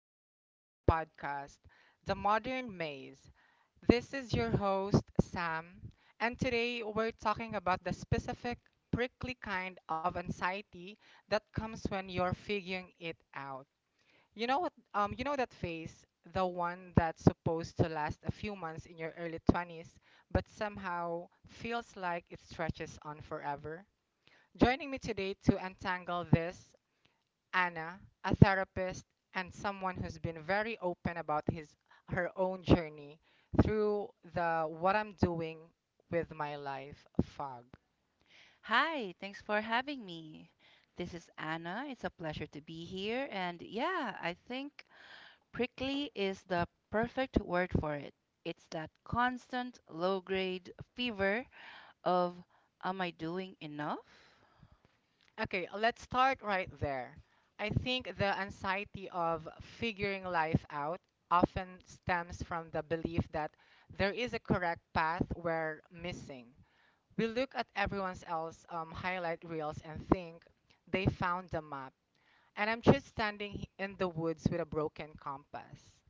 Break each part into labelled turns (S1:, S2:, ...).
S1: welcome back to the podcast, The Modern Maze. This is your host, Sam, and today we're talking about the specific prickly kind of anxiety that comes when you're figuring it out. You know what? You know that phase, the one that's supposed to last a few months in your early 20s, but somehow feels like it stretches on forever? Joining me today to untangle this Anna, a therapist and someone who's been very open about his her own journey through the what I'm doing with my life fog.
S2: Hi, thanks for having me. This is Anna. It's a pleasure to be here. And yeah, I think prickly is the perfect word for it. It's that constant low grade fever of, am I doing enough?
S1: Okay, let's start right there. I think the anxiety of figuring life out often stems from the belief that there is a correct path we're missing. We look at everyone else's highlight reels and think they found the map and I'm just standing in the woods with a broken compass.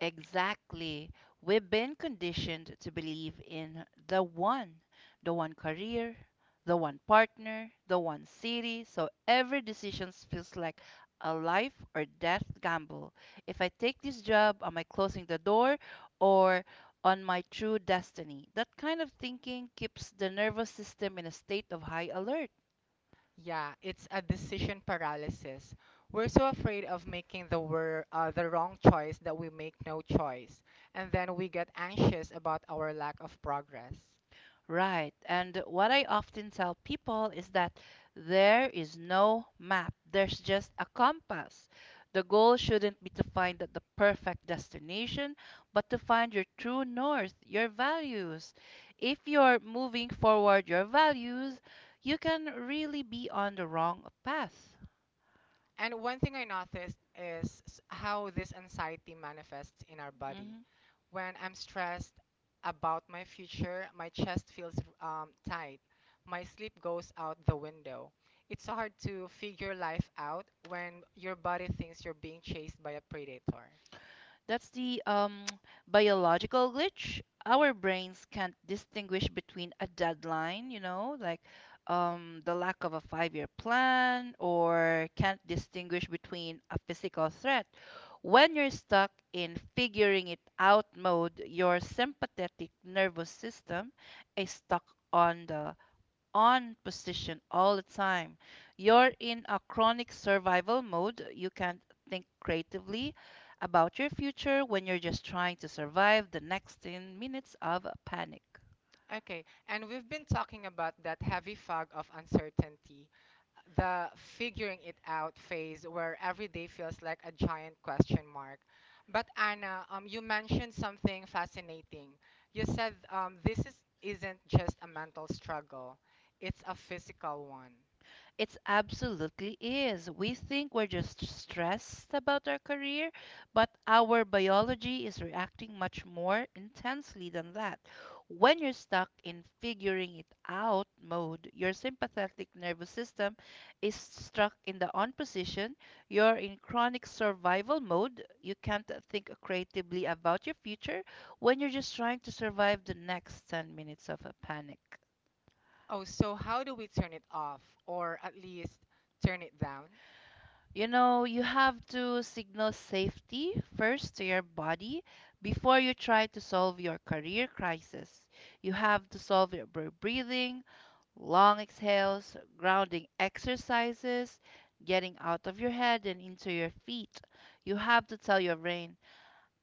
S2: Exactly. We've been conditioned to believe in the one career, the one partner, the one city. So every decision feels like a life or death gamble. If I take this job, am I closing the door or on my true destiny? That kind of thinking keeps the nervous system in a state of high alert.
S1: Yeah, it's a decision paralysis. We're so afraid of making the the wrong choice that we make no choice, and then we get anxious about our lack of progress.
S2: Right. And what I often tell people is that there is no map, there's just a compass. The goal shouldn't be to find the perfect destination, but to find your true north, your values. If you're moving forward your values, you can really be on the wrong path.
S1: And one thing I noticed is how this anxiety manifests in our body.
S2: Mm-hmm.
S1: When I'm stressed about my future, my chest feels tight. My sleep goes out the window. It's so hard to figure life out when your body thinks you're being chased by a predator.
S2: That's the biological glitch. Our brains can't distinguish between a deadline, like the lack of a 5-year plan, or can't distinguish between a physical threat. When you're stuck in figuring it out mode, your sympathetic nervous system is stuck on the on position all the time. You're in a chronic survival mode. You can't think creatively about your future when you're just trying to survive the next 10 minutes of panic.
S1: Okay, and we've been talking about that heavy fog of uncertainty, the figuring it out phase where every day feels like a giant question mark. But Anna, you mentioned something fascinating. You said this is, isn't just a mental struggle, it's a physical one.
S2: It absolutely is. We think we're just stressed about our career, but our biology is reacting much more intensely than that. When you're stuck in figuring it out mode, your sympathetic nervous system is stuck in the on position. You're in chronic survival mode. You can't think creatively about your future when you're just trying to survive the next 10 minutes of a panic.
S1: Oh, so how do we turn it off, or at least turn it down?
S2: You know, you have to signal safety first to your body before you try to solve your career crisis. You have to solve your breathing, long exhales, grounding exercises, getting out of your head and into your feet. You have to tell your brain,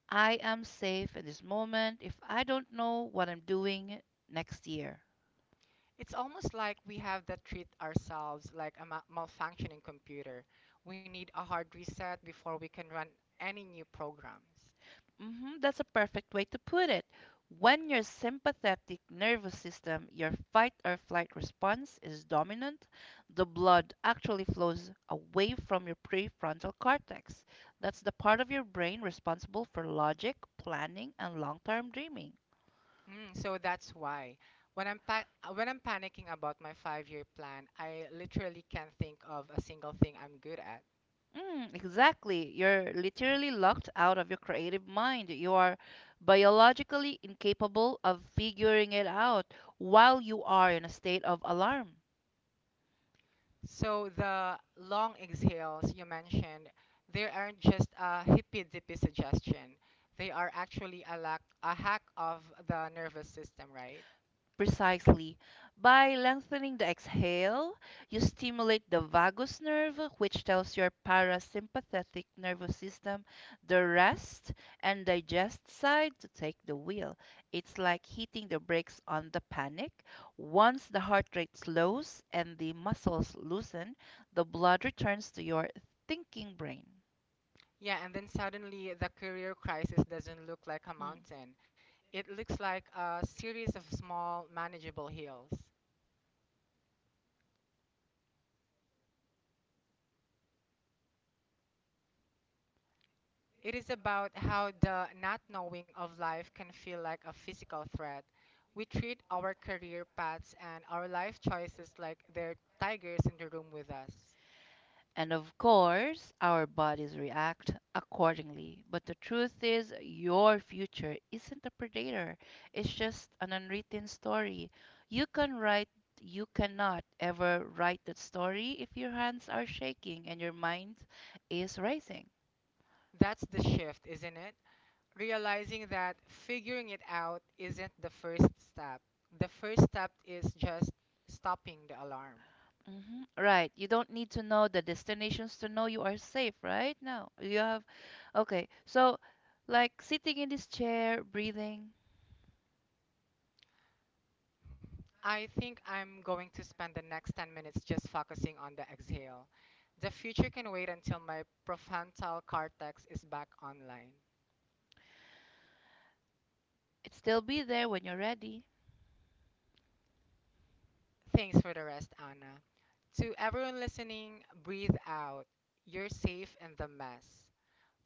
S2: I am safe in this moment if I don't know what I'm doing next year.
S1: It's almost like we have to treat ourselves like a malfunctioning computer. We need a hard reset before we can run any new programs.
S2: That's a perfect way to put it. When your sympathetic nervous system, your fight or flight response, is dominant, the blood actually flows away from your prefrontal cortex. That's the part of your brain responsible for logic, planning, and long term dreaming.
S1: Mm, so that's why when I'm when I'm panicking about my five-year plan, I literally can't think of a single thing I'm good at.
S2: Exactly. You're literally locked out of your creative mind. You are biologically incapable of figuring it out while you are in a state of alarm.
S1: So the long exhales you mentioned, they aren't just a hippy-dippy suggestion. They are actually a lack, a hack of the nervous system, right?
S2: Precisely. By lengthening the exhale, you stimulate the vagus nerve, which tells your parasympathetic nervous system, the rest and digest side, to take the wheel. It's like hitting the brakes on the panic. Once the heart rate slows and the muscles loosen, the blood returns to your thinking brain.
S1: Yeah, and then suddenly the career crisis doesn't look like a
S2: Hmm.
S1: mountain. It looks like a series of small, manageable hills. It is about how the not knowing of life can feel like a physical threat. We treat our career paths and our life choices like they're tigers in the room with us.
S2: And of course, our bodies react accordingly. But the truth is, your future isn't a predator, it's just an unwritten story. You can write, you cannot ever write that story if your hands are shaking and your mind is racing.
S1: That's the shift, isn't it? Realizing that figuring it out isn't the first step. The first step is just stopping the alarm.
S2: Right. You don't need to know the destinations to know you are safe, right? No. You have. Okay. So, like sitting in this chair, breathing,
S1: I think I'm going to spend the next 10 minutes just focusing on the exhale. The future can wait until my prefrontal cortex is back online.
S2: it still be there when you're ready.
S1: Thanks for the rest, Anna. To everyone listening, breathe out. You're safe in the mess.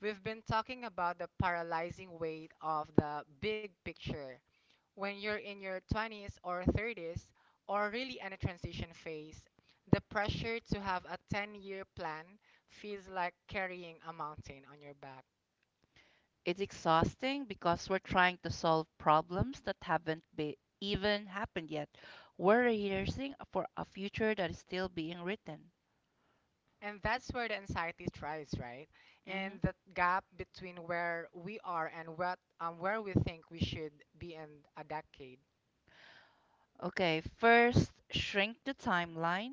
S1: We've been talking about the paralyzing weight of the big picture. When you're in your 20s or 30s, or really in a transition phase, the pressure to have a 10-year year plan feels like carrying a mountain on your back.
S2: It's exhausting because we're trying to solve problems that haven't be even happened yet. We're rehearsing for a future that is still being written.
S1: And that's where the anxiety thrives, right? And
S2: hmm
S1: that gap between where we are and what where we think we should be in a decade.
S2: Okay, first, shrink the timeline.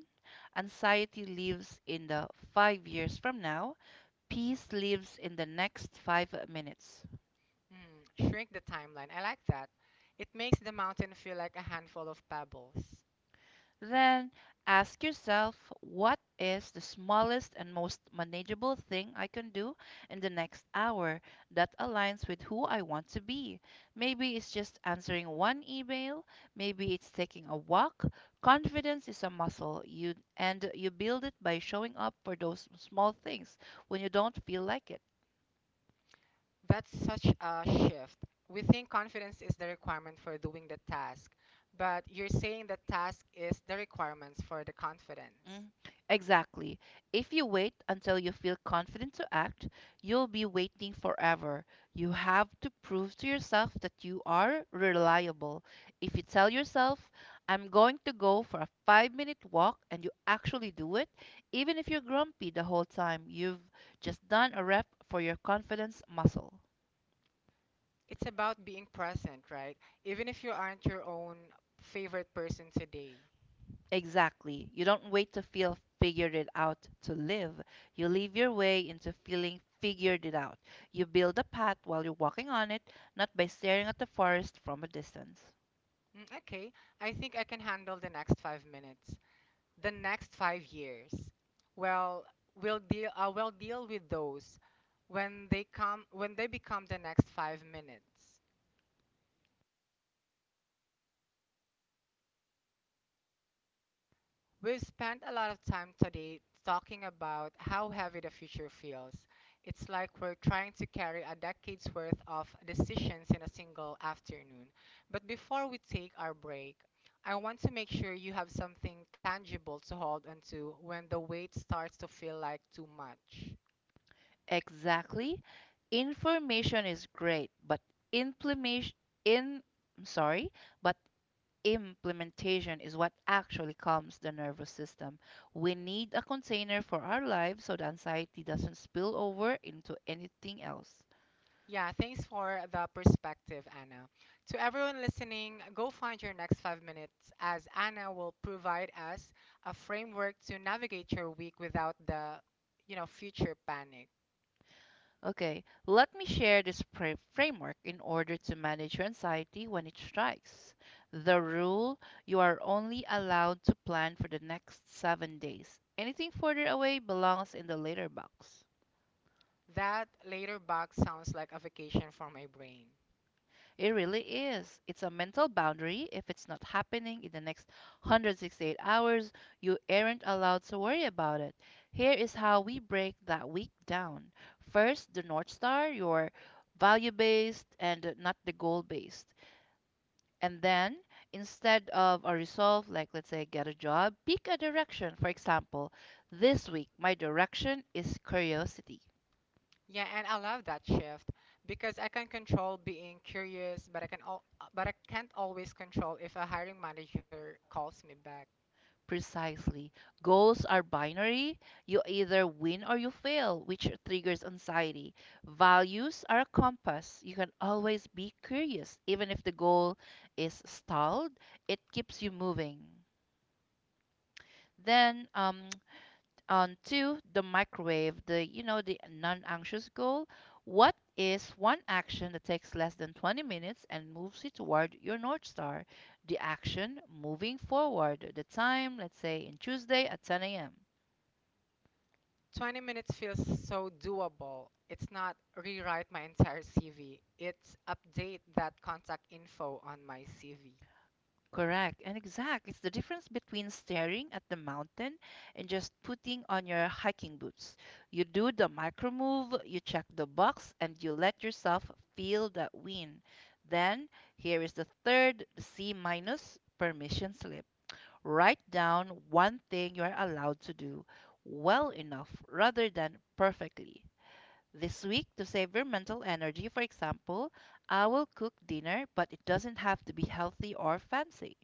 S2: Anxiety lives in the 5 years from now. Peace lives in the next 5 minutes.
S1: Mm, shrink the timeline. I like that. It makes the mountain feel like a handful of pebbles.
S2: Then ask yourself what is the smallest and most manageable thing I can do in the next hour that aligns with who I want to be? Maybe it's just answering one email, maybe it's taking a walk. Confidence is a muscle, you and you build it by showing up for those small things when you don't feel like it.
S1: That's such a shift. We think confidence is the requirement for doing the task, but you're saying the task is the requirements for the confidence.
S2: Mm, Exactly. If you wait until you feel confident to act, you'll be waiting forever. You have to prove to yourself that you are reliable. If you tell yourself, I'm going to go for a 5-minute walk, and you actually do it, even if you're grumpy the whole time, you've just done a rep for your confidence muscle.
S1: It's about being present, right? Even if you aren't your own favorite person today.
S2: Exactly. You don't wait to feel figured it out to live. You live your way into feeling figured it out. You build a path while you're walking on it, not by staring at the forest from a distance.
S1: Mm, okay, I think I can handle the next 5 minutes. The next 5 years. Well, we'll deal. I will deal with those when they come. When they become the next 5 minutes. We've spent a lot of time today talking about how heavy the future feels. It's like we're trying to carry a decade's worth of decisions in a single afternoon. But before we take our break, I want to make sure you have something tangible to hold onto when the weight starts to feel like too much.
S2: Exactly. Information is great, but implementation in I'm sorry, but implementation is what actually calms the nervous system. We need a container for our lives so the anxiety doesn't spill over into anything else.
S1: Yeah, thanks for the perspective, Anna. To everyone listening, go find your next 5 minutes as Anna will provide us a framework to navigate your week without the, you know, future panic.
S2: Okay, let me share this framework in order to manage your anxiety when it strikes. The rule you are only allowed to plan for the next 7 days. Anything further away belongs in the later box.
S1: That later box sounds like a vacation for my brain.
S2: It really is. It's a mental boundary. If it's not happening in the next 168 hours, you aren't allowed to worry about it. Here is how we break that week down. First, the North Star, your value based and not the goal based. And then, instead of a resolve, like let's say get a job, pick a direction. For example, this week, my direction is curiosity.
S1: Yeah, and I love that shift because I can control being curious, but but I can't always control if a hiring manager calls me back.
S2: Precisely. Goals are binary. You either win or you fail, which triggers anxiety. Values are a compass. You can always be curious. Even if the goal is stalled, it keeps you moving. Then, on to the microwave, the you know the non-anxious goal. What is one action that takes less than 20 minutes and moves you toward your north star? The action moving forward. The time, let's say, in Tuesday at 10 a.m.
S1: 20 minutes feels so doable. It's not rewrite my entire CV, it's update that contact info on my CV.
S2: Correct and exact. It's the difference between staring at the mountain and just putting on your hiking boots. You do the micro move, you check the box, and you let yourself feel that wind. Then, here is the third C minus permission slip. Write down one thing you are allowed to do well enough rather than perfectly. This week, to save your mental energy, for example, I will cook dinner, but it doesn't have to be healthy or fancy.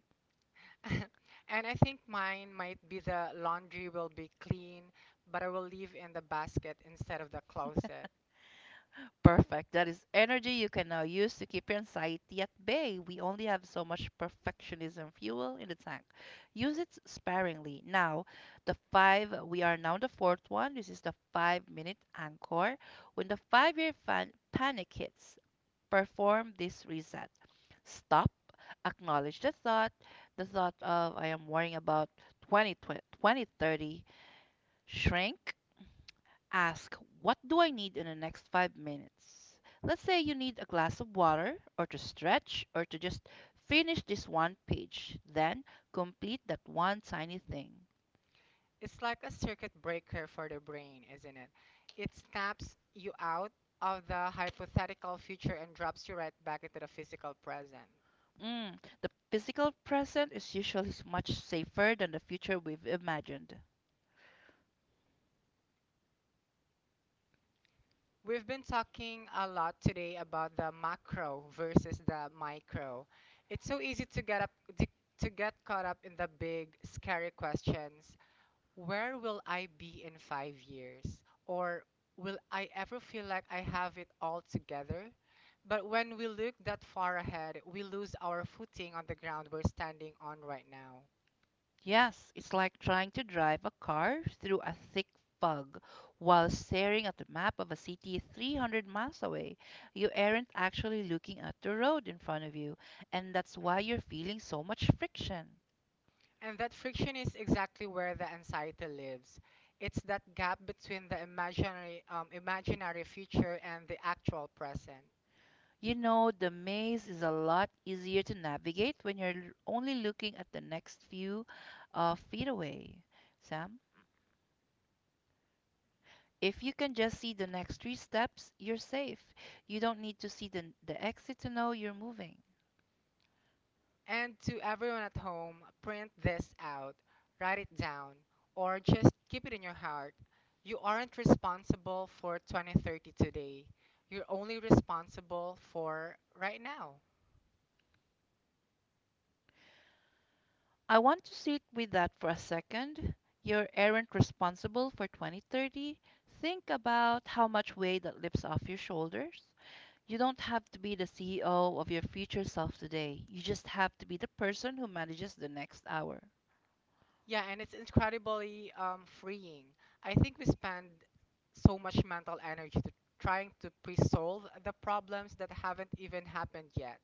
S1: And I think mine might be the laundry will be clean, but I will leave in the basket instead of the closet.
S2: Perfect. That is energy you can now use to keep your anxiety at bay. We only have so much perfectionism fuel in the tank. Use it sparingly. Now, the five, we are now on the fourth one. This is the 5-minute anchor. When the 5-year fan panic hits, perform this reset. Stop, acknowledge the thought of I am worrying about 20, 20, 2030, shrink, Ask, what do I need in the next 5 minutes? Let's say you need a glass of water, or to stretch, or to just finish this one page. Then complete that one tiny thing.
S1: It's like a circuit breaker for the brain, isn't it? It snaps you out of the hypothetical future and drops you right back into the physical present.
S2: Mm, the physical present is usually much safer than the future we've imagined.
S1: We've been talking a lot today about the macro versus the micro. It's so easy to to, to get caught up in the big scary questions. Where will I be in 5 years? Or will I ever feel like I have it all together? But when we look that far ahead, we lose our footing on the ground we're standing on right now.
S2: Yes, it's like trying to drive a car through a thick fog while staring at the map of a city 300 miles away. You aren't actually looking at the road in front of you, and that's why you're feeling so much friction.
S1: And that friction is exactly where the anxiety lives. It's that gap between the imaginary future and the actual present.
S2: You know, the maze is a lot easier to navigate when you're only looking at the next few feet away. Sam, if you can just see the next three steps, you're safe. You don't need to see the exit to know you're moving.
S1: And to everyone at home, print this out, write it down, or just keep it in your heart. You aren't responsible for 2030 today. You're only responsible for right now.
S2: I want to sit with that for a second. You aren't responsible for 2030. Think about how much weight that lifts off your shoulders. You don't have to be the CEO of your future self today. You just have to be the person who manages the next hour.
S1: Yeah, and it's incredibly freeing. I think we spend so much mental energy to trying to pre-solve the problems that haven't even happened yet.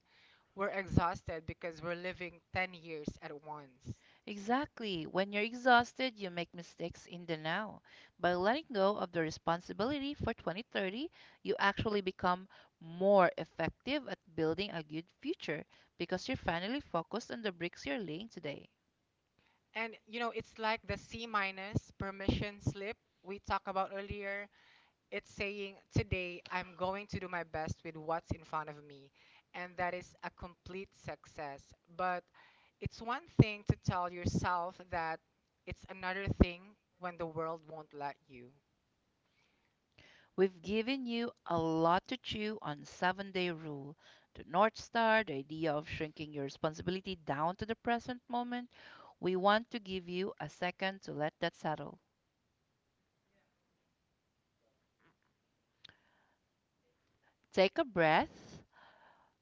S1: We're exhausted because we're living 10 years at once.
S2: Exactly. When you're exhausted, you make mistakes in the now. By letting go of the responsibility for 2030, you actually become more effective at building a good future because you're finally focused on the bricks you're laying today.
S1: And you know, it's like the C minus permission slip we talked about earlier. It's saying, today I'm going to do my best with what's in front of me. And that is a complete success. But it's one thing to tell yourself that, it's another thing when the world won't let you.
S2: We've given you a lot to chew on 7-day rule, the North Star, the idea of shrinking your responsibility down to the present moment. We want to give you a second to let that settle. Take a breath,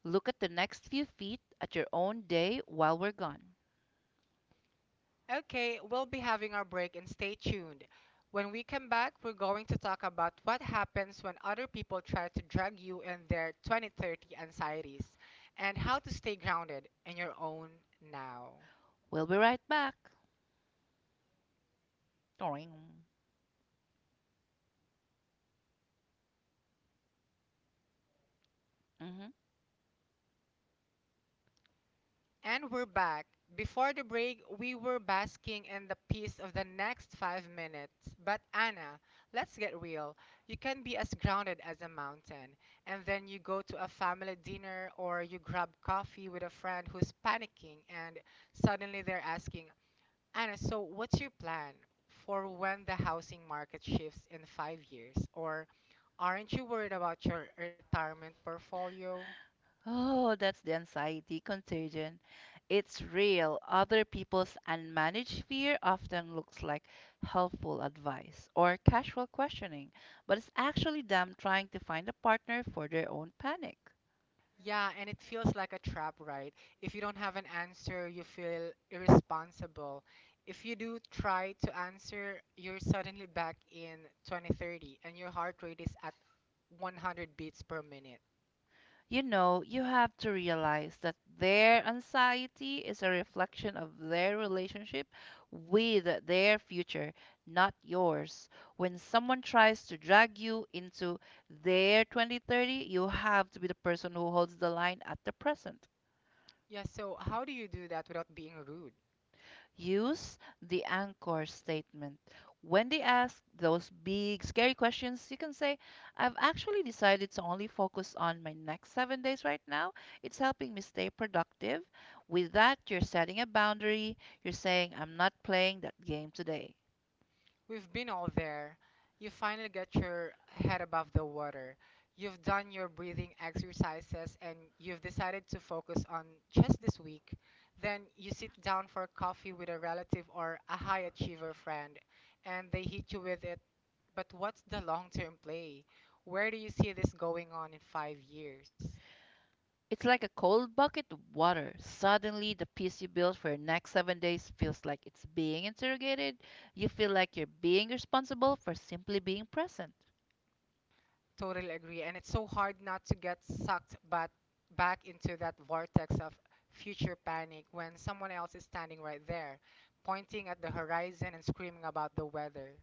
S2: look at the next few feet at your own day while we're gone.
S1: Okay, we'll be having our break and stay tuned. When we come back, we're going to talk about what happens when other people try to drag you in their 2030 anxieties and how to stay grounded in your own now.
S2: We'll be right back. Doing. Mm-hmm.
S1: And we're back. Before the break, we were basking in the peace of the next 5 minutes. But Anna, let's get real. You can be as grounded as a mountain, and then you go to a family dinner or you grab coffee with a friend who's panicking, and suddenly they're asking, Anna, so what's your plan for when the housing market shifts in 5 years? Or aren't you worried about your retirement portfolio?
S2: Oh, that's the anxiety contagion. It's real. Other people's unmanaged fear often looks like helpful advice or casual questioning, but it's actually them trying to find a partner for their own panic.
S1: Yeah, and it feels like a trap, right? If you don't have an answer, you feel irresponsible. If you do try to answer, you're suddenly back in 2030 and your heart rate is at 100 beats per minute.
S2: You know, you have to realize that their anxiety is a reflection of their relationship with their future, not yours. When someone tries to drag you into their 2030, you have to be the person who holds the line at the present.
S1: Yeah, so how do you do that without being rude?
S2: Use the anchor statement. When they ask those big, scary questions, you can say, I've actually decided to only focus on my next 7 days right now. It's helping me stay productive. With that, you're setting a boundary. You're saying, I'm not playing that game today.
S1: We've been all there. You finally get your head above the water. You've done your breathing exercises and you've decided to focus on just this week. Then you sit down for coffee with a relative or a high achiever friend and they hit you with it. But what's the long term play? Where do you see this going on in 5 years?
S2: It's like a cold bucket of water. Suddenly, the peace you built for your next 7 days feels like it's being interrogated. You feel like you're being responsible for simply being present.
S1: Totally agree. And it's so hard not to get sucked but back into that vortex of future panic when someone else is standing right there, pointing at the horizon and screaming about the weather.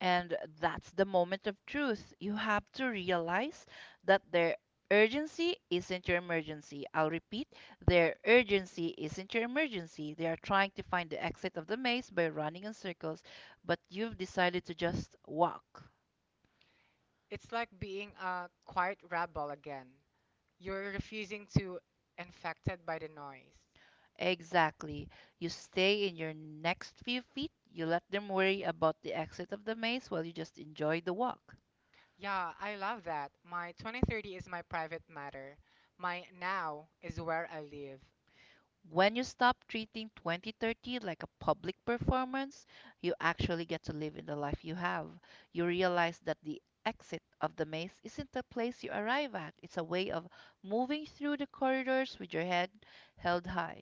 S2: And that's the moment of truth. You have to realize that their urgency isn't your emergency. I'll repeat, their urgency isn't your emergency. They are trying to find the exit of the maze by running in circles, but you've decided to just walk.
S1: It's like being a quiet rebel again. You're refusing to infected by the noise.
S2: Exactly. You stay in your next few feet. You let them worry about the exit of the maze while you just enjoy the walk.
S1: Yeah, I love that. My 2030 is my private matter. My now is where I live.
S2: When you stop treating 2030 like a public performance, you actually get to live in the life you have. You realize that the exit of the maze isn't the place you arrive at, it's a way of moving through the corridors with your head held high.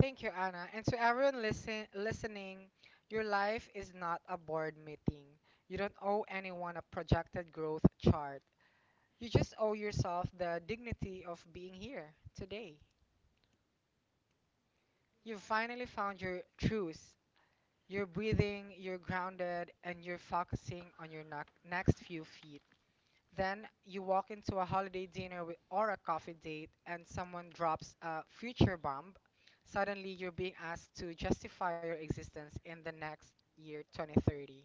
S1: Thank you, Anna. And to everyone listening, your life is not a board meeting. You don't owe anyone a projected growth chart. You just owe yourself the dignity of being here today. You've finally found your truth. You're breathing, you're grounded, and you're focusing on your next few feet. Then you walk into a holiday dinner or a coffee date and someone drops a future bomb. Suddenly, you're being asked to justify your existence in the next year, 2030.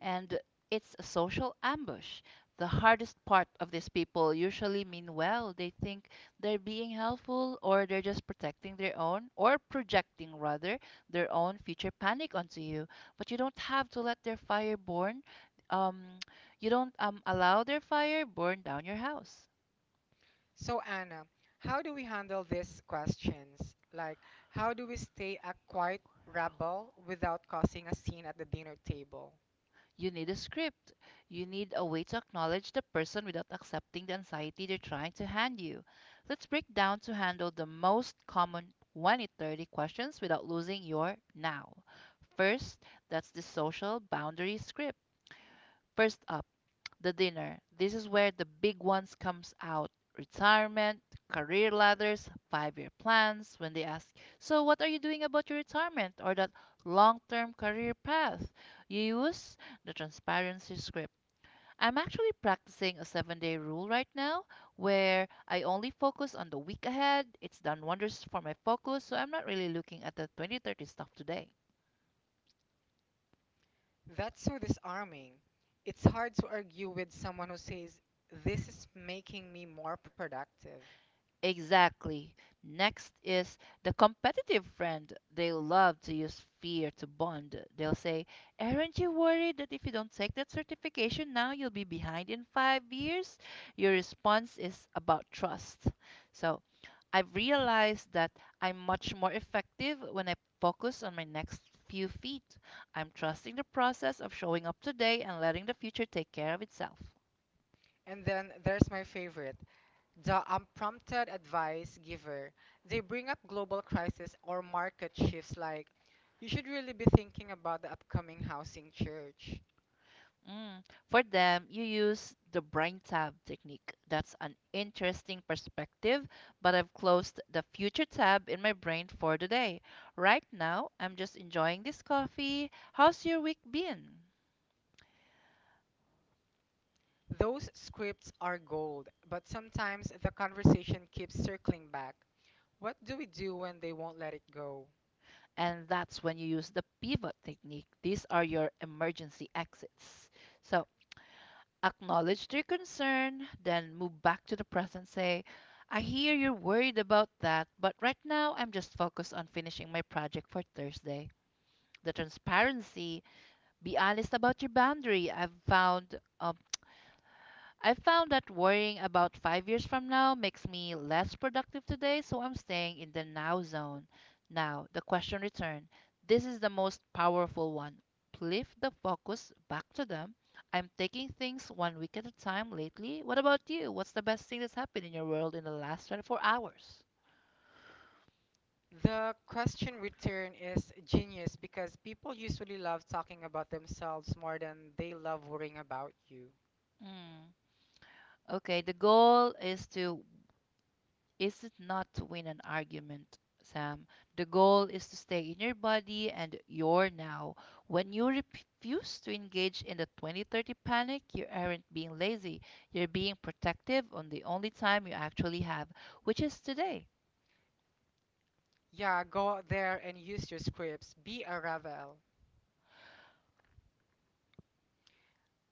S2: And it's a social ambush. The hardest part of these people usually mean well. They think they're being helpful or they're just protecting their own or projecting rather their own future panic onto you. But you don't have to let their fire burn. Um, you don't allow their fire burn down your house.
S1: So, Anna, how do we handle these questions? Like, how do we stay a quiet rebel without causing a scene at the dinner table?
S2: You need a script. You need a way to acknowledge the person without accepting the anxiety they're trying to hand you. Let's break down to handle the most common 2030 questions without losing your now. First, that's the social boundary script. First up, the dinner. This is where the big ones comes out. Retirement, career ladders, five-year plans, when they ask, "So what are you doing about your retirement or that long-term career path?" You use the transparency script. I'm actually practicing a 7-day rule right now where I only focus on the week ahead. It's done wonders for my focus, so I'm not really looking at the 2030 stuff today.
S1: That's so disarming. It's hard to argue with someone who says, this is making me more productive.
S2: Exactly. Next is the competitive friend. They love to use fear to bond. They'll say, aren't you worried that if you don't take that certification now, you'll be behind in 5 years? Your response is about trust. So I've realized that I'm much more effective when I focus on my next few feet. I'm trusting the process of showing up today and letting the future take care of itself.
S1: And then there's my favorite. The unprompted advice giver, they bring up global crisis or market shifts like, you should really be thinking about the upcoming housing church.
S2: Mm. For them, you use the brain tab technique. That's an interesting perspective, but I've closed the future tab in my brain for today. Right now, I'm just enjoying this coffee. How's your week been?
S1: Those scripts are gold, but sometimes the conversation keeps circling back. What do we do when they won't let it go?
S2: And that's when you use the pivot technique. These are your emergency exits. So acknowledge their concern, then move back to the present. Say, I hear you're worried about that, but right now I'm just focused on finishing my project for Thursday. The transparency. Be honest about your boundary. I've found that worrying about 5 years from now makes me less productive today, so I'm staying in the now zone. Now, the question return. This is the most powerful one. Lift the focus back to them. I'm taking things one week at a time lately. What about you? What's the best thing that's happened in your world in the last 24 hours?
S1: The question return is genius because people usually love talking about themselves more than they love worrying about you.
S2: Mm. Okay, the goal is it not to win an argument, Sam? The goal is to stay in your body and your now. When you refuse to engage in the 2030 panic, you aren't being lazy. You're being protective on the only time you actually have, which is today.
S1: Yeah, go out there and use your scripts. Be a Ravel.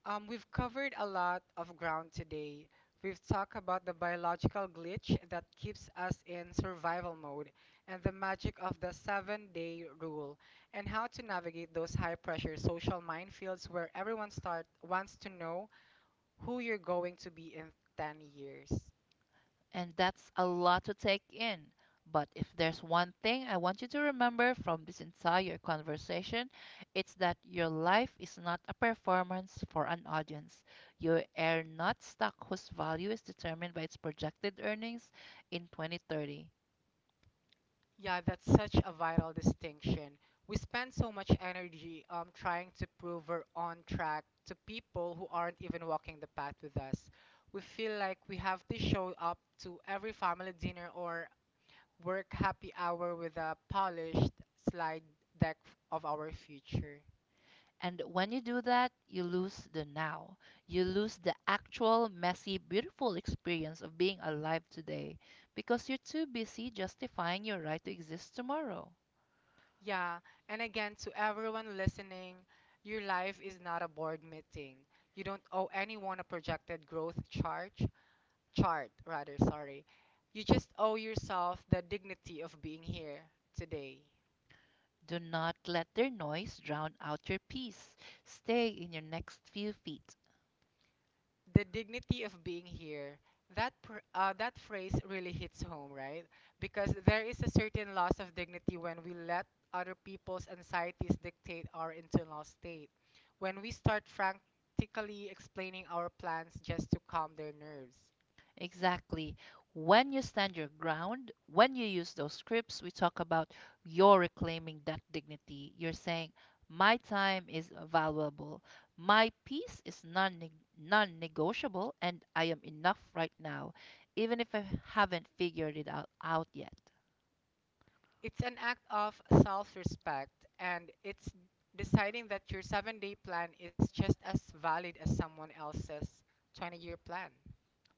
S1: We've covered a lot of ground today. We've talked about the biological glitch that keeps us in survival mode and the magic of the 7 day rule and how to navigate those high pressure social minefields where wants to know who you're going to be in 10 years.
S2: And that's a lot to take in. But if there's one thing I want you to remember from this entire conversation, it's that your life is not a performance for an audience. You are not stock whose value is determined by its projected earnings in 2030.
S1: Yeah, that's such a vital distinction. We spend so much energy trying to prove we're on track to people who aren't even walking the path with us. We feel like we have to show up to every family dinner or work happy hour with a polished slide deck of our future.
S2: And when you do that, you lose the now. You lose the actual, messy, beautiful experience of being alive today because you're too busy justifying your right to exist tomorrow.
S1: Yeah, and again, to everyone listening, your life is not a board meeting. You don't owe anyone a projected growth chart. Chart, rather, sorry. You just owe yourself the dignity of being here today.
S2: Do not let their noise drown out your peace. Stay in your next few feet.
S1: The dignity of being here. That phrase really hits home, right? Because there is a certain loss of dignity when we let other people's anxieties dictate our internal state. When we start frantically explaining our plans just to calm their nerves.
S2: Exactly. When you stand your ground, when you use those scripts we talk about, you're reclaiming that dignity. You're saying, my time is valuable. My peace is non non negotiable, and I am enough right now, even if I haven't figured it out yet.
S1: It's an act of self respect, and it's deciding that your 7 day plan is just as valid as someone else's 20-year plan.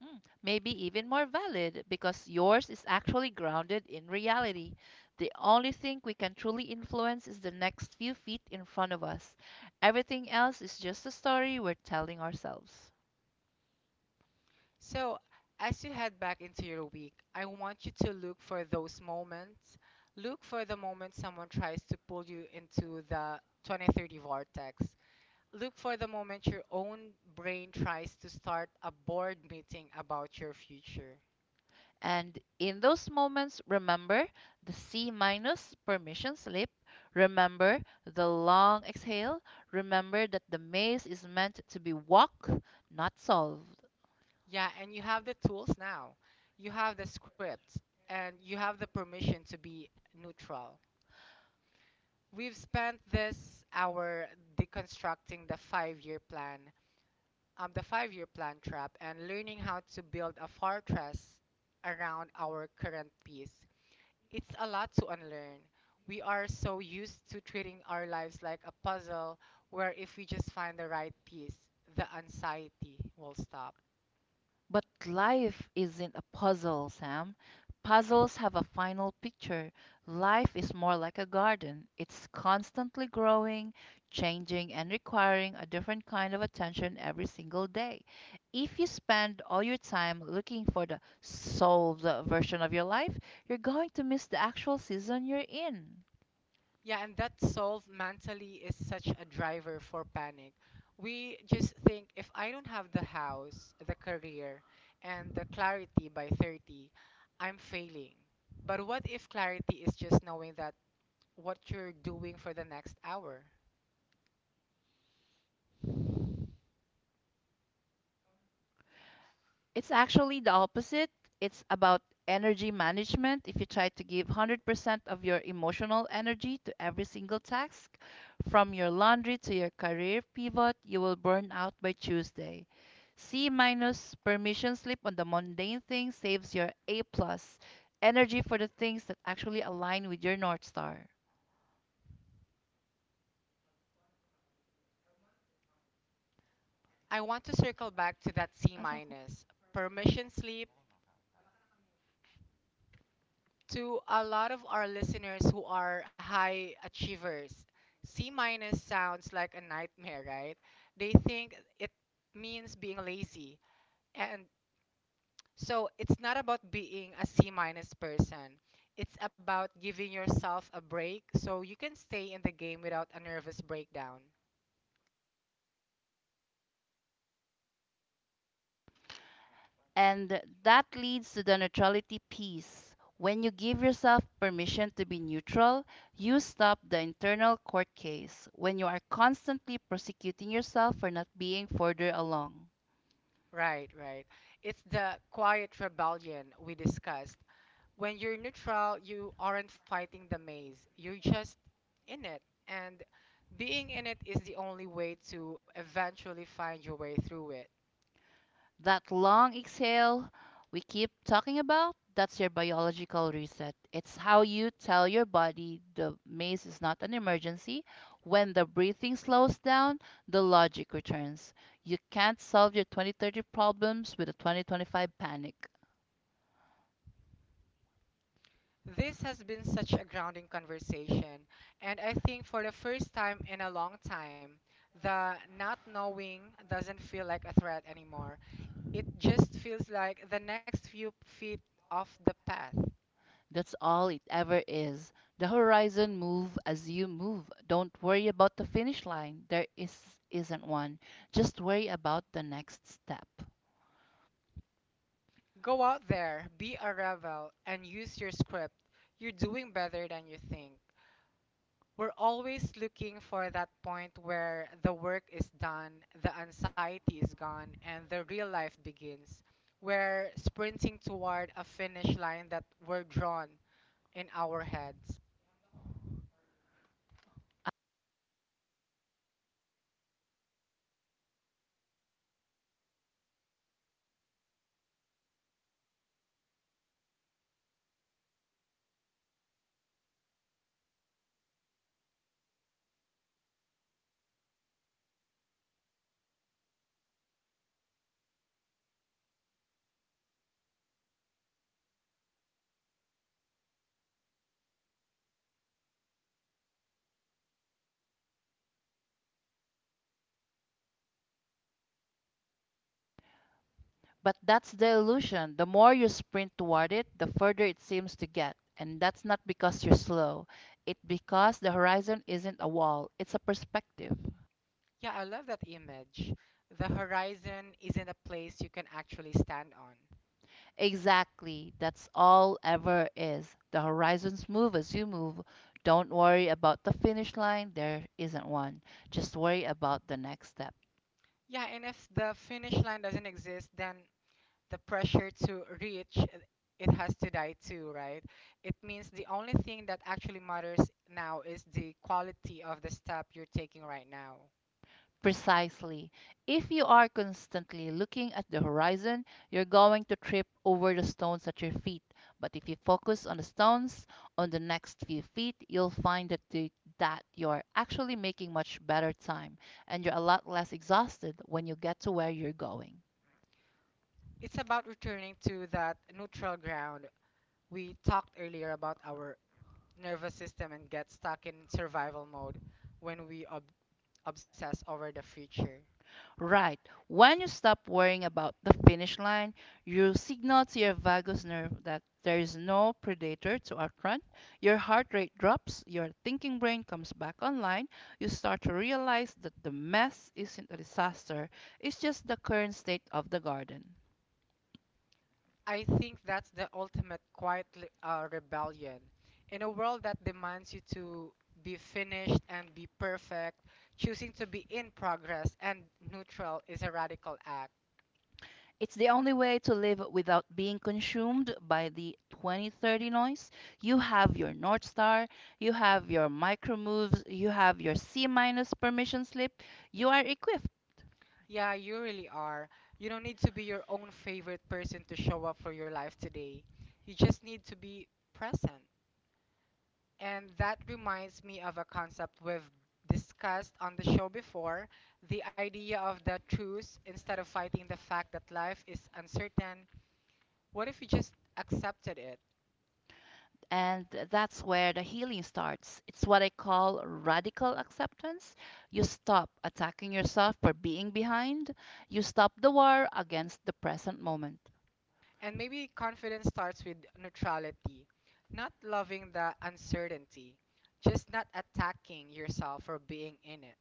S2: Mm, maybe even more valid because yours is actually grounded in reality. The only thing we can truly influence is the next few feet in front of us. Everything else is just a story we're telling ourselves.
S1: So, as you head back into your week, I want you to look for those moments. Look for the moment someone tries to pull you into the 2030 vortex. Look for the moment your own brain tries to start a board meeting about your future.
S2: And in those moments, remember the C minus permission slip, remember the long exhale, remember that the maze is meant to be walked, not solved.
S1: Yeah, and you have the tools now. You have the script and you have the permission to be neutral. We've spent this hour deconstructing the 5 year plan, the 5 year plan trap, and learning how to build a fortress around our current peace. It's a lot to unlearn. We are so used to treating our lives like a puzzle where if we just find the right piece, the anxiety will stop.
S2: But life isn't a puzzle, Sam. Puzzles have a final picture. Life is more like a garden. It's constantly growing, changing, and requiring a different kind of attention every single day. If you spend all your time looking for the solved version of your life, you're going to miss the actual season you're in.
S1: Yeah, and that solve mentally is such a driver for panic. We just think if I don't have the house, the career, and the clarity by 30, I'm failing. But what if clarity is just knowing that what you're doing for the next hour?
S2: It's actually the opposite. It's about energy management. If you try to give 100% of your emotional energy to every single task, from your laundry to your career pivot, you will burn out by Tuesday. C minus permission slip on the mundane things saves your A plus energy for the things that actually align with your North Star.
S1: I want to circle back to that C
S2: Asa.
S1: minus permission sleep to a lot of our listeners who are high achievers. C minus sounds like a nightmare, right? They think it means being lazy. And so it's not about being a C minus person. It's about giving yourself a break so you can stay in the game without a nervous breakdown.
S2: And that leads to the neutrality piece. When you give yourself permission to be neutral, you stop the internal court case. When you are constantly prosecuting yourself for not being further along,
S1: Right, right. It's the quiet rebellion we discussed. When you're neutral, you aren't fighting the maze. You're just in it. And being in it is the only way to eventually find your way through it.
S2: that long exhale we keep talking about, that's your biological reset. It's how you tell your body the maze is not an emergency. When the breathing slows down, the logic returns. You can't solve your 2030 problems with a 2025 panic.
S1: This has been such a grounding conversation, and I think for the first time in a long time, the not knowing doesn't feel like a threat anymore. It just feels like the next few feet off the path.
S2: That's all it ever is. The horizon move as you move. Don't worry about the finish line. There is isn't one. Just worry about the next step.
S1: Go out there, be a rebel, and use your script. You're doing better than you think. We're always looking for that point where the work is done, the anxiety is gone, and the real life begins. We're sprinting toward a finish line that we're drawn in our heads.
S2: But that's the illusion. The more you sprint toward it, the further it seems to get. And that's not because you're slow. It's because the horizon isn't a wall, it's a perspective.
S1: Yeah, I love that image. The horizon isn't a place you can actually stand on.
S2: Exactly. That's all ever is. The horizons move as you move. Don't worry about the finish line. There isn't one. Just worry about the next step.
S1: Yeah, and if the finish line doesn't exist, then the pressure to reach it has to die too, right? It means the only thing that actually matters now is the quality of the step you're taking right now.
S2: Precisely. If you are constantly looking at the horizon, you're going to trip over the stones at your feet. But if you focus on the stones on the next few feet, you'll find that you're actually making much better time and you're a lot less exhausted when you get to where you're going.
S1: It's about returning to that neutral ground. We talked earlier about our nervous system and get stuck in survival mode when we obsess over the future.
S2: Right. When you stop worrying about the finish line, you signal to your vagus nerve that there is no predator to outrun. Your heart rate drops, your thinking brain comes back online. You start to realize that the mess isn't a disaster, it's just the current state of the garden.
S1: I think that's the ultimate quiet rebellion. In a world that demands you to be finished and be perfect, choosing to be in progress and neutral is a radical act.
S2: It's the only way to live without being consumed by the 2030 noise. You have your North Star, you have your micro moves, you have your C minus permission slip. You are equipped.
S1: Yeah, you really are. You don't need to be your own favorite person to show up for your life today. You just need to be present. And that reminds me of a concept we've discussed on the show before, the idea of the truth instead of fighting the fact that life is uncertain. What if you just accepted it?
S2: And that's where the healing starts. It's what I call radical acceptance. You stop attacking yourself for being behind, you stop the war against the present moment.
S1: And maybe confidence starts with neutrality, not loving the uncertainty, just not attacking yourself for being in it.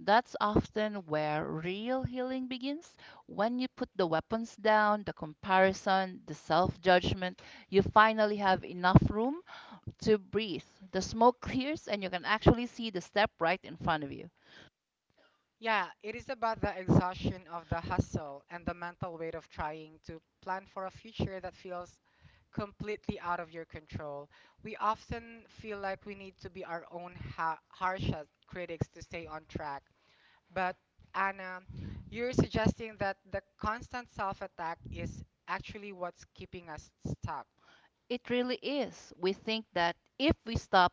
S2: That's often where real healing begins. When you put the weapons down, the comparison, the self judgment, you finally have enough room to breathe. The smoke clears and you can actually see the step right in front of you.
S1: Yeah, it is about the exhaustion of the hustle and the mental weight of trying to plan for a future that feels completely out of your control. We often feel like we need to be our own harshest critics to stay on track, but Anna, you're suggesting that the constant self-attack is actually what's keeping us stuck.
S2: It really is. We think that if we stop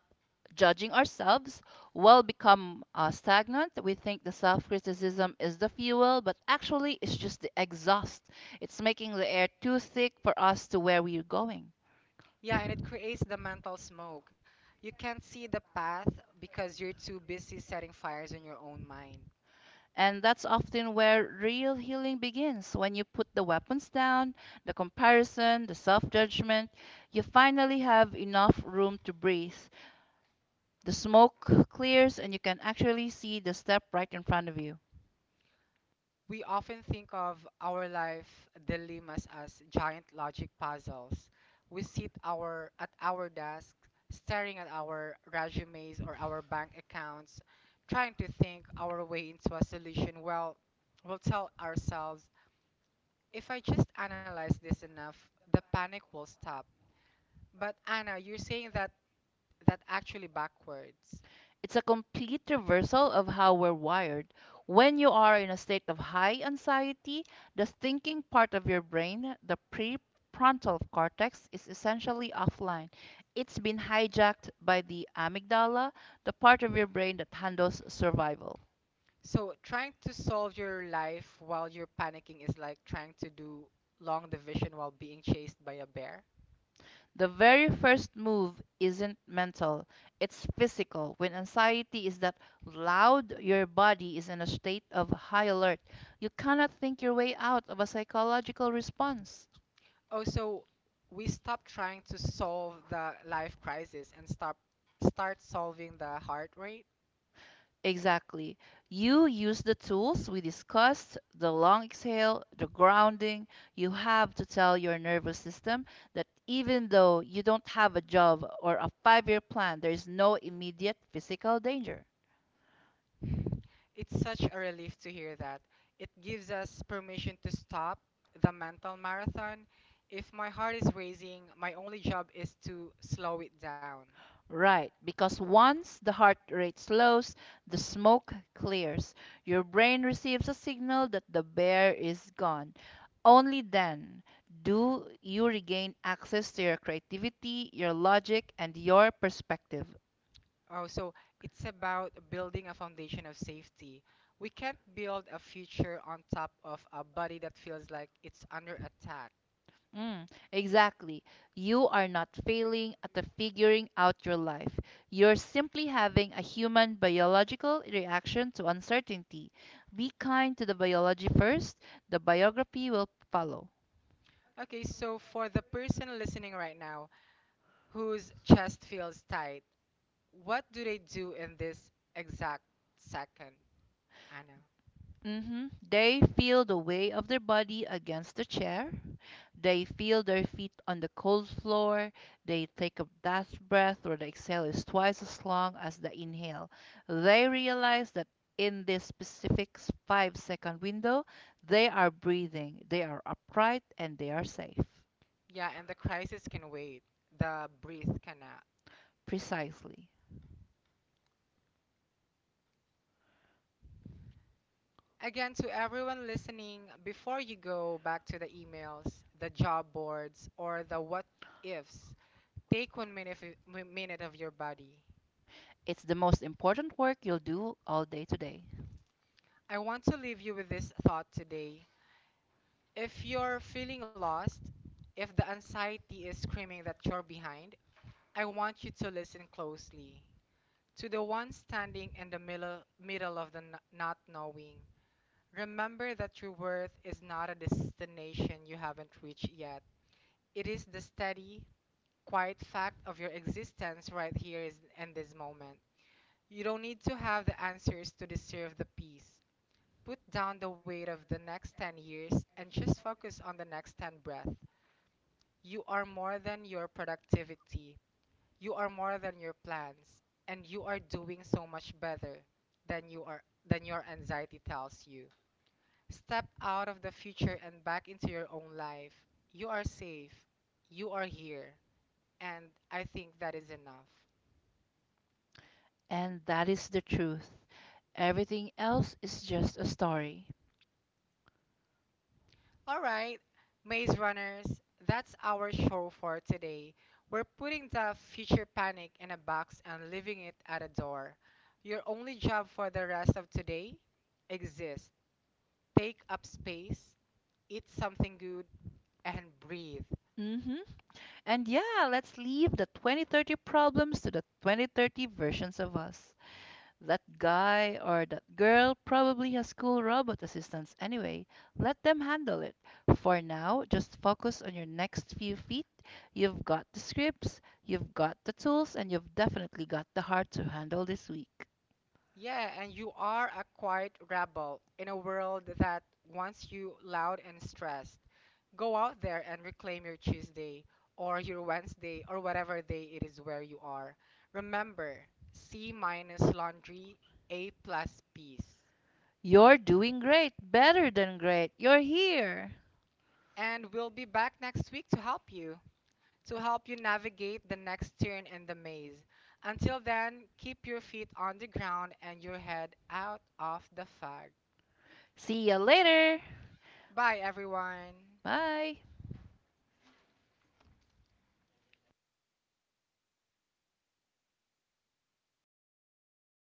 S2: judging ourselves, we'll become stagnant. We think the self criticism is the fuel, but actually, it's just the exhaust. It's making the air too thick for us to where we're going.
S1: Yeah, and it creates the mental smoke. You can't see the path because you're too busy setting fires in your own mind.
S2: And that's often where real healing begins. When you put the weapons down, the comparison, the self judgment, you finally have enough room to breathe. The smoke clears, and you can actually see the step right in front of you.
S1: We often think of our life dilemmas as giant logic puzzles. We sit our at our desks, staring at our resumes or our bank accounts, trying to think our way into a solution. Well, we'll tell ourselves, if I just analyze this enough, the panic will stop. But Anna, you're saying that that actually backwards.
S2: It's a complete reversal of how we're wired. When you are in a state of high anxiety, the thinking part of your brain, the prefrontal cortex, is essentially offline. It's been hijacked by the amygdala, the part of your brain that handles survival.
S1: So trying to solve your life while you're panicking is like trying to do long division while being chased by a bear.
S2: The very first move isn't mental, it's physical. When anxiety is that loud, your body is in a state of high alert. You cannot think your way out of a psychological response.
S1: Also, we stop trying to solve the life crisis and stop start solving the heart rate.
S2: Exactly. You use the tools we discussed, the long exhale, the grounding. You have to tell your nervous system that even though you don't have a job or a 5-year plan, there is no immediate physical danger.
S1: It's such a relief to hear that. It gives us permission to stop the mental marathon. If my heart is racing, my only job is to slow it down.
S2: Right, because once the heart rate slows, the smoke clears. Your brain receives a signal that the bear is gone. Only then do you regain access to your creativity, your logic, and your perspective.
S1: Oh, so it's about building a foundation of safety. We can't build a future on top of a body that feels like it's under attack.
S2: Mm, exactly. You are not failing at the figuring out your life. You're simply having a human biological reaction to uncertainty. Be kind to the biology first, the biography will follow.
S1: Okay, so for the person listening right now whose chest feels tight, what do they do in this exact second, Anna?
S2: They feel the weight of their body against the chair. They feel their feet on the cold floor. They take a last breath where the exhale is twice as long as the inhale. They realize that in this specific 5-second window, they are breathing, they are upright, and they are safe.
S1: Yeah, and the crisis can wait, the breath cannot.
S2: Precisely.
S1: Again, to everyone listening, before you go back to the emails, the job boards, or the what ifs, take one minute of your body.
S2: It's the most important work you'll do all day today.
S1: I want to leave you with this thought today. If you're feeling lost, if the anxiety is screaming that you're behind, I want you to listen closely to the one standing in the middle of the not knowing. Remember that your worth is not a destination you haven't reached yet. It is the steady, quiet fact of your existence right in this moment. You don't need to have the answers to deserve the peace. Put down the weight of the next 10 years and just focus on the next 10 breath. You are more than your productivity. You are more than your plans and you are doing so much better than your anxiety tells you. Step out of the future and back into your own life. You are safe. You are here and I think that is enough.
S2: And that is the truth. Everything else is just a story.
S1: All right, Maze Runners, that's our show for today. We're putting the future panic in a box and leaving it at a door. Your only job for the rest of today exist. Take up space, eat something good, and breathe.
S2: hmm And yeah, let's leave the 2030 problems to the 2030 versions of us. That guy or that girl probably has cool robot assistants anyway. Let them handle it. For now, just focus on your next few feet. You've got the scripts, you've got the tools, and you've definitely got the heart to handle this week.
S1: Yeah, and you are a quiet rebel in a world that wants you loud and stressed. Go out there and reclaim your Tuesday or your Wednesday or whatever day it is where you are. Remember, C minus laundry, A plus peace.
S2: You're doing great, better than great. You're here.
S1: And we'll be back next week to help you navigate the next turn in the maze. Until then, keep your feet on the ground and your head out of the fog.
S2: See you later.
S1: Bye, everyone.
S2: Bye.